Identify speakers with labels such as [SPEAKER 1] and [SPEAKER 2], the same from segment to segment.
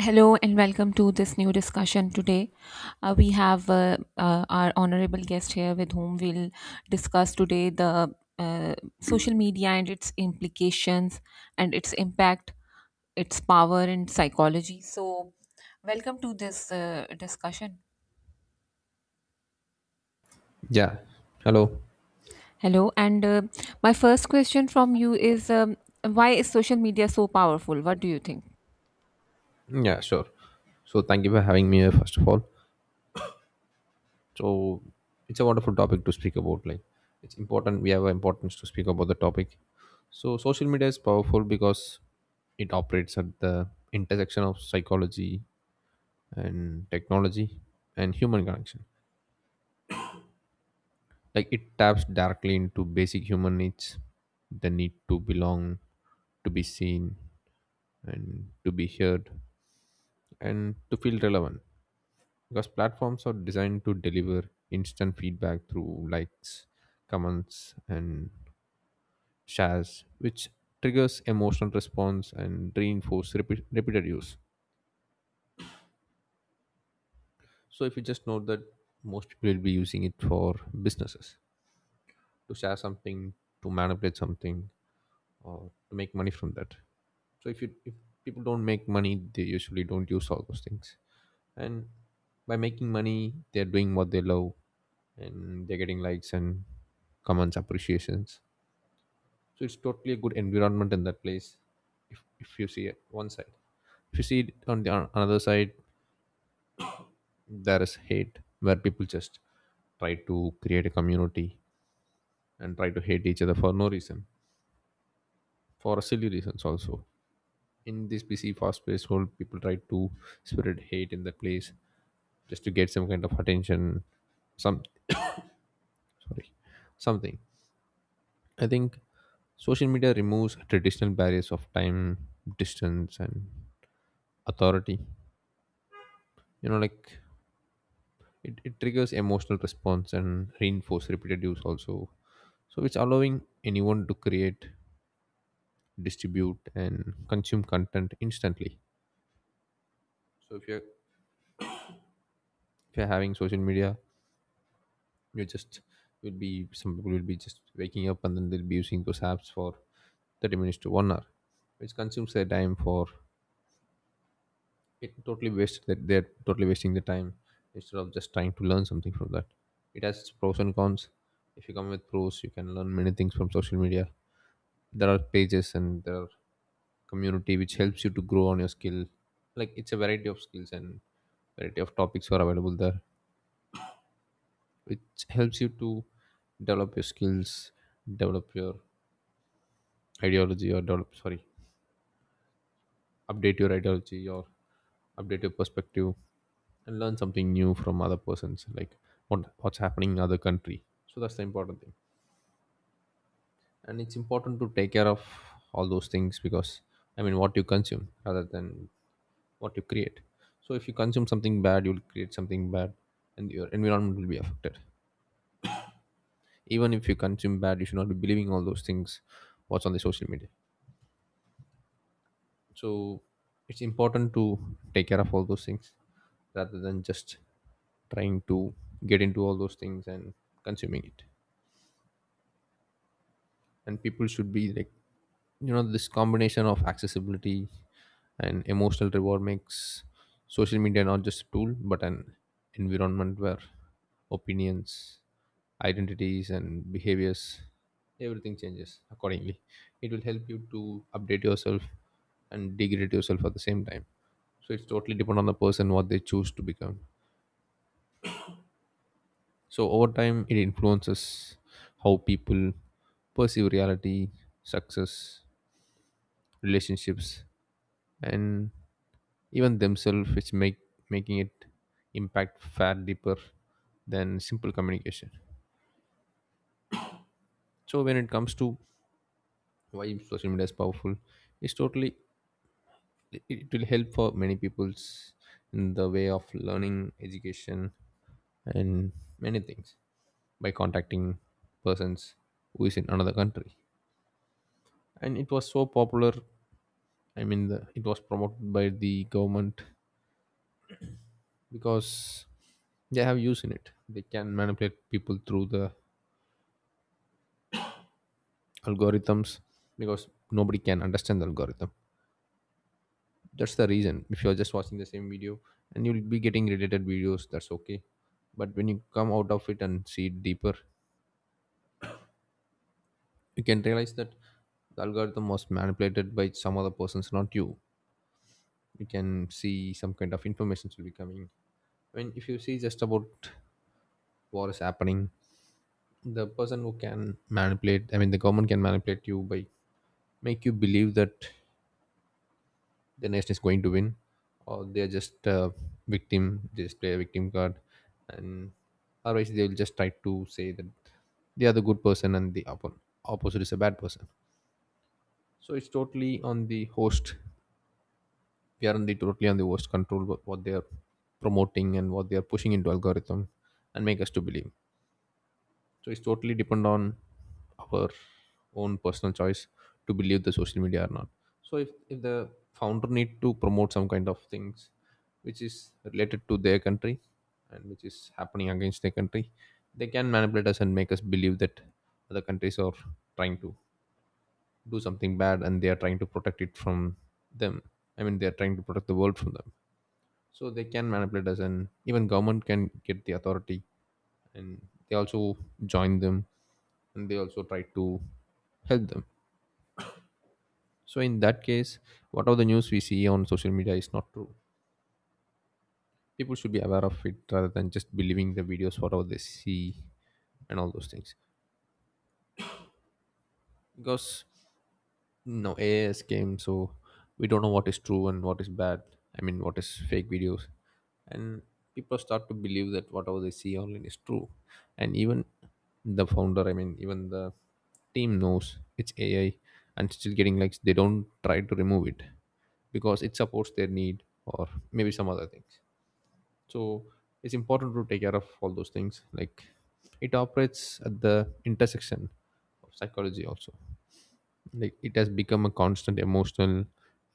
[SPEAKER 1] Hello and welcome to this new discussion. Today, we have our honorable guest here with whom we'll discuss today the social media and its implications and its impact, its power, and psychology. So, welcome to this discussion.
[SPEAKER 2] Yeah. Hello.
[SPEAKER 1] Hello, and my first question from you is why is social media so powerful? What do you think?
[SPEAKER 2] Yeah, sure. So thank you for having me here, first of all. So it's a wonderful topic to speak about. Like, it's important, we have importance to speak about the topic. So social media is powerful because it operates at the intersection of psychology and technology and human connection. Like, it taps directly into basic human needs, the need to belong, to be seen and to be heard and to feel relevant, because platforms are designed to deliver instant feedback through likes, comments and shares, which triggers emotional response and reinforce repeated use. So if you just note that, most people will be using it for businesses, to share something, to manipulate something, or to make money from that. So if people don't make money, they usually don't use all those things. And by making money, they're doing what they love, and they're getting likes and comments, appreciations. So it's totally a good environment in that place if you see it one side. If you see it on the on another side, there is hate where people just try to create a community and try to hate each other for no reason, for silly reasons also. In this busy fast-paced world, people try to spread hate in that place just to get some kind of attention, some, sorry something, I think. Social media removes traditional barriers of time, distance, and authority. You know, like it triggers emotional response and reinforce repeated use also. So it's allowing anyone to create, distribute, and consume content instantly. So if you're having social media, you just will be, some people will be just waking up and then they'll be using those apps for 30 minutes to 1 hour, which consumes their time. For it totally wasted, that they're totally wasting the time instead of just trying to learn something from that. It has pros and cons. If you come with pros, you can learn many things from social media. There are pages and there are community which helps you to grow on your skill. Like, it's a variety of skills and variety of topics are available there, which helps you to develop your skills, develop your ideology, or develop sorry update your ideology or update your perspective, and learn something new from other persons, like what's happening in other country. So that's the important thing, and it's important to take care of all those things. Because, I mean, what you consume rather than what you create, so if you consume something bad, you'll create something bad, and your environment will be affected. Even if you consume bad, you should not be believing all those things what's on the social media. So it's important to take care of all those things rather than just trying to get into all those things and consuming it. And people should be like, you know, this combination of accessibility and emotional reward makes social media not just a tool but an environment where opinions, identities and behaviors, everything changes accordingly. It will help you to update yourself and degrade yourself at the same time. So it's totally depend on the person what they choose to become. So over time, it influences how people perceive reality, success, relationships, and even themselves, which make making it impact far deeper than simple communication. So when it comes to why social media is powerful, it's totally, it will help for many people's in the way of learning, education, and many things by contacting persons who is in another country. And it was so popular. I mean, it was promoted by the government because they have use in it. They can manipulate people through the algorithms because nobody can understand the algorithm. That's the reason. If you're just watching the same video, and you'll be getting related videos, that's okay. But when you come out of it and see it deeper, you can realize that the algorithm was manipulated by some other persons, not you. You can see some kind of information will be coming. I mean, if you see just about what is happening, the person who can manipulate, I mean, the government can manipulate you by make you believe that the nation is going to win, or they're just victim, they just play a victim card. And otherwise they will just try to say that they are the good person and the opposite is a bad person. So it's totally on the host. We are on the totally on the host control, what they are promoting and what they are pushing into algorithm and make us to believe. So it's totally depend on our own personal choice to believe the social media or not. So if the founder need to promote some kind of things which is related to their country and which is happening against their country, they can manipulate us and make us believe that other countries are trying to do something bad and they are trying to protect it from them. I mean, they are trying to protect the world from them. So they can manipulate us, and even government can get the authority, and they also join them and they also try to help them. So in that case, whatever the news we see on social media is not true. People should be aware of it rather than just believing the videos whatever they see and all those things. Because no AI is came, so we don't know what is true and what is bad. I mean, what is fake videos, and people start to believe that whatever they see online is true. And even the founder, I mean, even the team knows it's AI, and still getting likes. They don't try to remove it because it supports their need or maybe some other things. So it's important to take care of all those things. Like, it operates at the intersection of psychology also. Like, it has become a constant emotional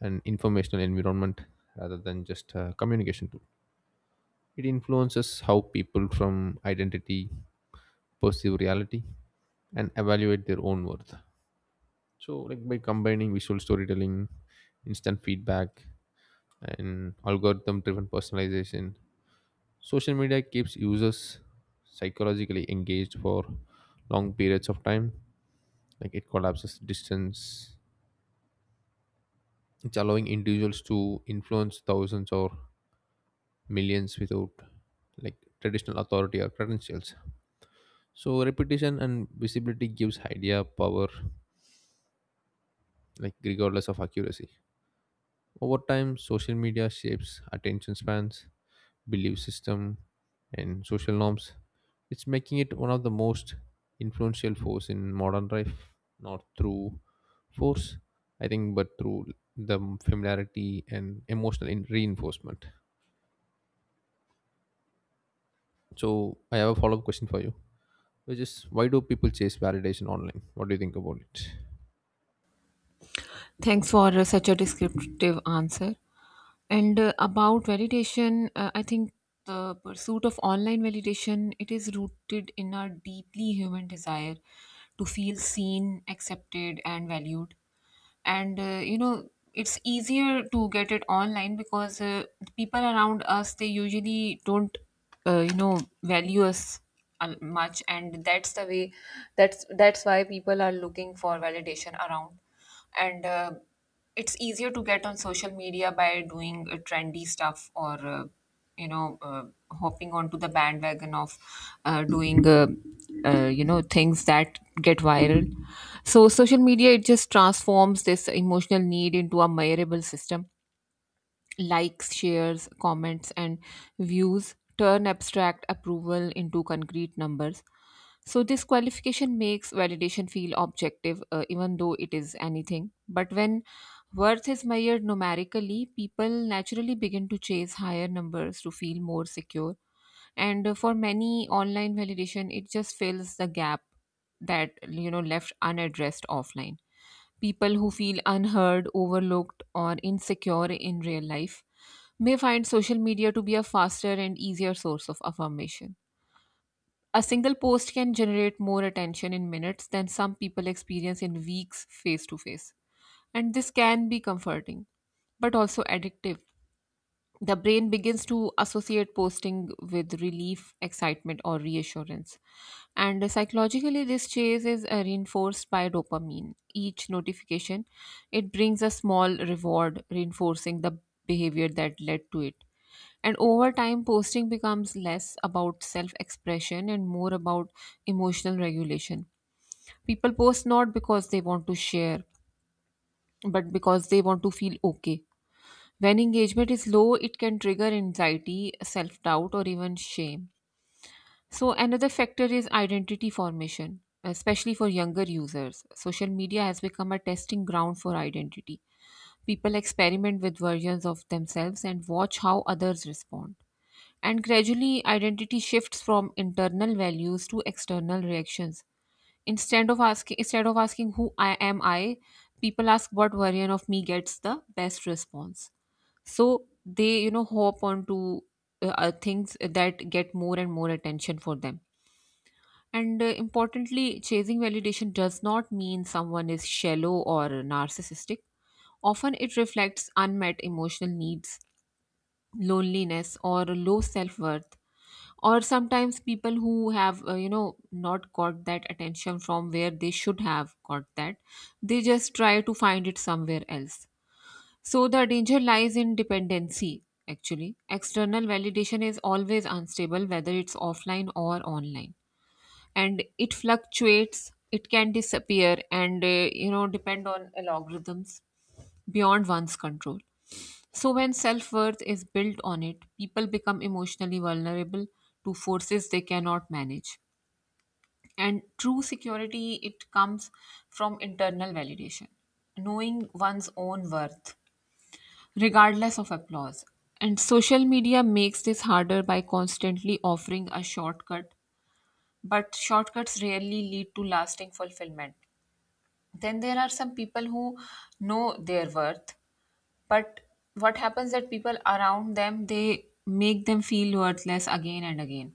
[SPEAKER 2] and informational environment rather than just a communication tool. It influences how people from identity perceive reality and evaluate their own worth. So like, by combining visual storytelling, instant feedback, and algorithm driven personalization, social media keeps users psychologically engaged for long periods of time. Like, it collapses distance. It's allowing individuals to influence thousands or millions without, like, traditional authority or credentials. So repetition and visibility gives idea power, like regardless of accuracy. Over time, social media shapes attention spans, belief system, and social norms, it's making it one of the most influential force in modern life, not through force, I think, but through the familiarity and emotional reinforcement. So I have a follow up question for you, which is why do people chase validation online? What do you think about it?
[SPEAKER 1] Thanks for such a descriptive answer. And about validation, I think the pursuit of online validation it is rooted in a deeply human desire to feel seen, accepted, and valued. And you know, it's easier to get it online because the people around us they usually don't, you know, value us much, and that's the way. That's why people are looking for validation around and it's easier to get on social media by doing trendy stuff or you know uh, hopping onto the bandwagon of doing you know, things that get viral. So social media it just transforms this emotional need into a measurable system. Likes, shares, comments, and views turn abstract approval into concrete numbers. So this qualification makes validation feel objective, even though it is anything. But when worth is measured numerically, people naturally begin to chase higher numbers to feel more secure. And for many, online validation it just fills the gap that, you know, left unaddressed offline. People who feel unheard, overlooked, or insecure in real life may find social media to be a faster and easier source of affirmation. A single post can generate more attention in minutes than some people experience in weeks face to face. And this can be comforting, but also addictive. The brain begins to associate posting with relief, excitement, or reassurance. And psychologically, this chase is reinforced by dopamine. Each notification, it brings a small reward, reinforcing the behavior that led to it. And over time, posting becomes less about self expression and more about emotional regulation. People post not because they want to share, but because they want to feel okay. When engagement is low, it can trigger anxiety, self doubt, or even shame. So, another factor is identity formation, especially for younger users. Social media has become a testing ground for identity. People experiment with versions of themselves and watch how others respond, and gradually identity shifts from internal values to external reactions. Instead of asking who I am, I people ask what version of me gets the best response. So they, you know, hop onto things that get more and more attention for them. And importantly, chasing validation does not mean someone is shallow or narcissistic. Often it reflects unmet emotional needs, loneliness, or low self-worth, or sometimes people who have you know, not got that attention from where they should have got that, they just try to find it somewhere else. So the danger lies in dependency. Actually, external validation is always unstable, whether it's offline or online, and it fluctuates. It can disappear, and you know, depend on algorithms beyond one's control. So when self-worth is built on it, people become emotionally vulnerable to forces they cannot manage. And true security, it comes from internal validation, knowing one's own worth regardless of applause. And social media makes this harder by constantly offering a shortcut, but shortcuts rarely lead to lasting fulfillment. Then there are some people who know their worth, but what happens that people around them they make them feel worthless again and again.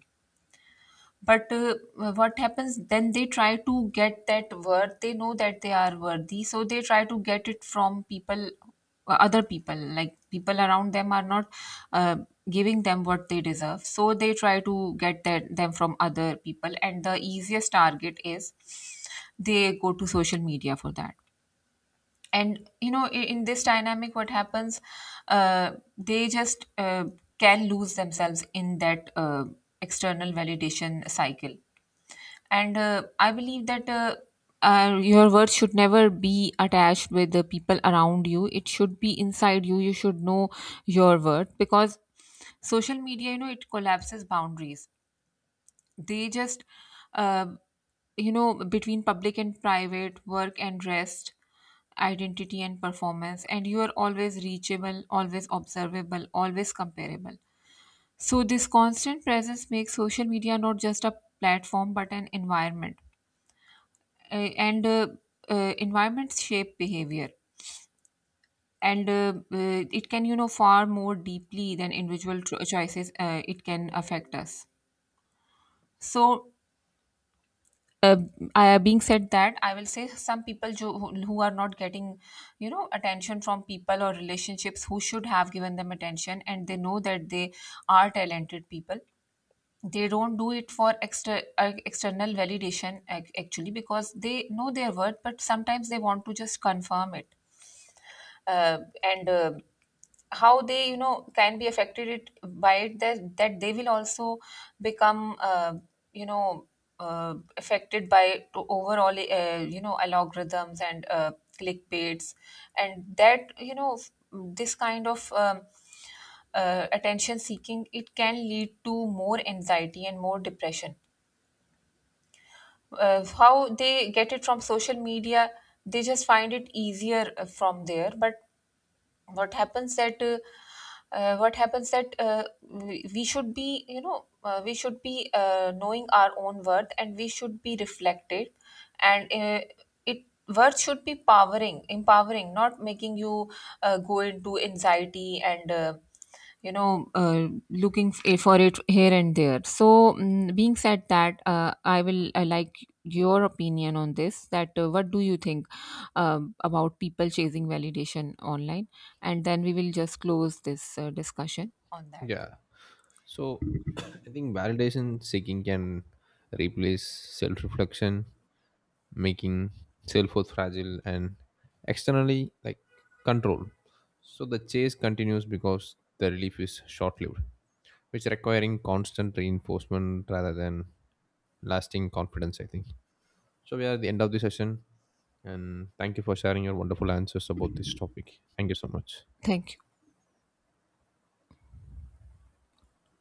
[SPEAKER 1] But what happens then, they try to get that worth. They know that they are worthy, so they try to get it from people, other people. Like, people around them are not uh, giving them what they deserve, so they try to get that, them, from other people, and the easiest target is they go to social media for that. And you know, in this dynamic, what happens, uh, they just can lose themselves in that external validation cycle. And I believe that your worth should never be attached with the people around you. It should be inside you. You should know your worth, because social media, you know, it collapses boundaries. They just uh, you know, between public and private, work and rest, identity and performance, and you are always reachable, always observable, always comparable. So this constant presence makes social media not just a platform but an environment. And environments shape behavior, and it can, you know, far more deeply than individual choices, it can affect us. So uh, I, being said that, I will say some people jo, who are not getting, you know, attention from people or relationships who should have given them attention, and they know that they are talented people. They don't do it for extra external validation, actually, because they know their worth, but sometimes they want to just confirm it. And How they, you know, can be affected it by it, that they will also become you know, affected by to overall you know, algorithms and clickbaits. And that, you know, this kind of attention seeking, it can lead to more anxiety and more depression. How they get it from social media, they just find it easier from there. But what happens that uh, what happens that uh, we should be, you know, we should be knowing our own worth, and we should be reflected. And it, worth should be powering, empowering, not making you go into anxiety and you know, looking for it here and there. So being said that, I will like your opinion on this, that what do you think about people chasing validation online, and then we will just close this discussion on that.
[SPEAKER 2] Yeah. So I think validation seeking can replace self reflection, making self worth fragile and externally, like, control. So the chase continues because the relief is short lived, which requiring constant reinforcement rather than lasting confidence, I think. So we are at the end of the session, and thank you for sharing your wonderful answers about this topic. Thank you so much.
[SPEAKER 1] Thank you.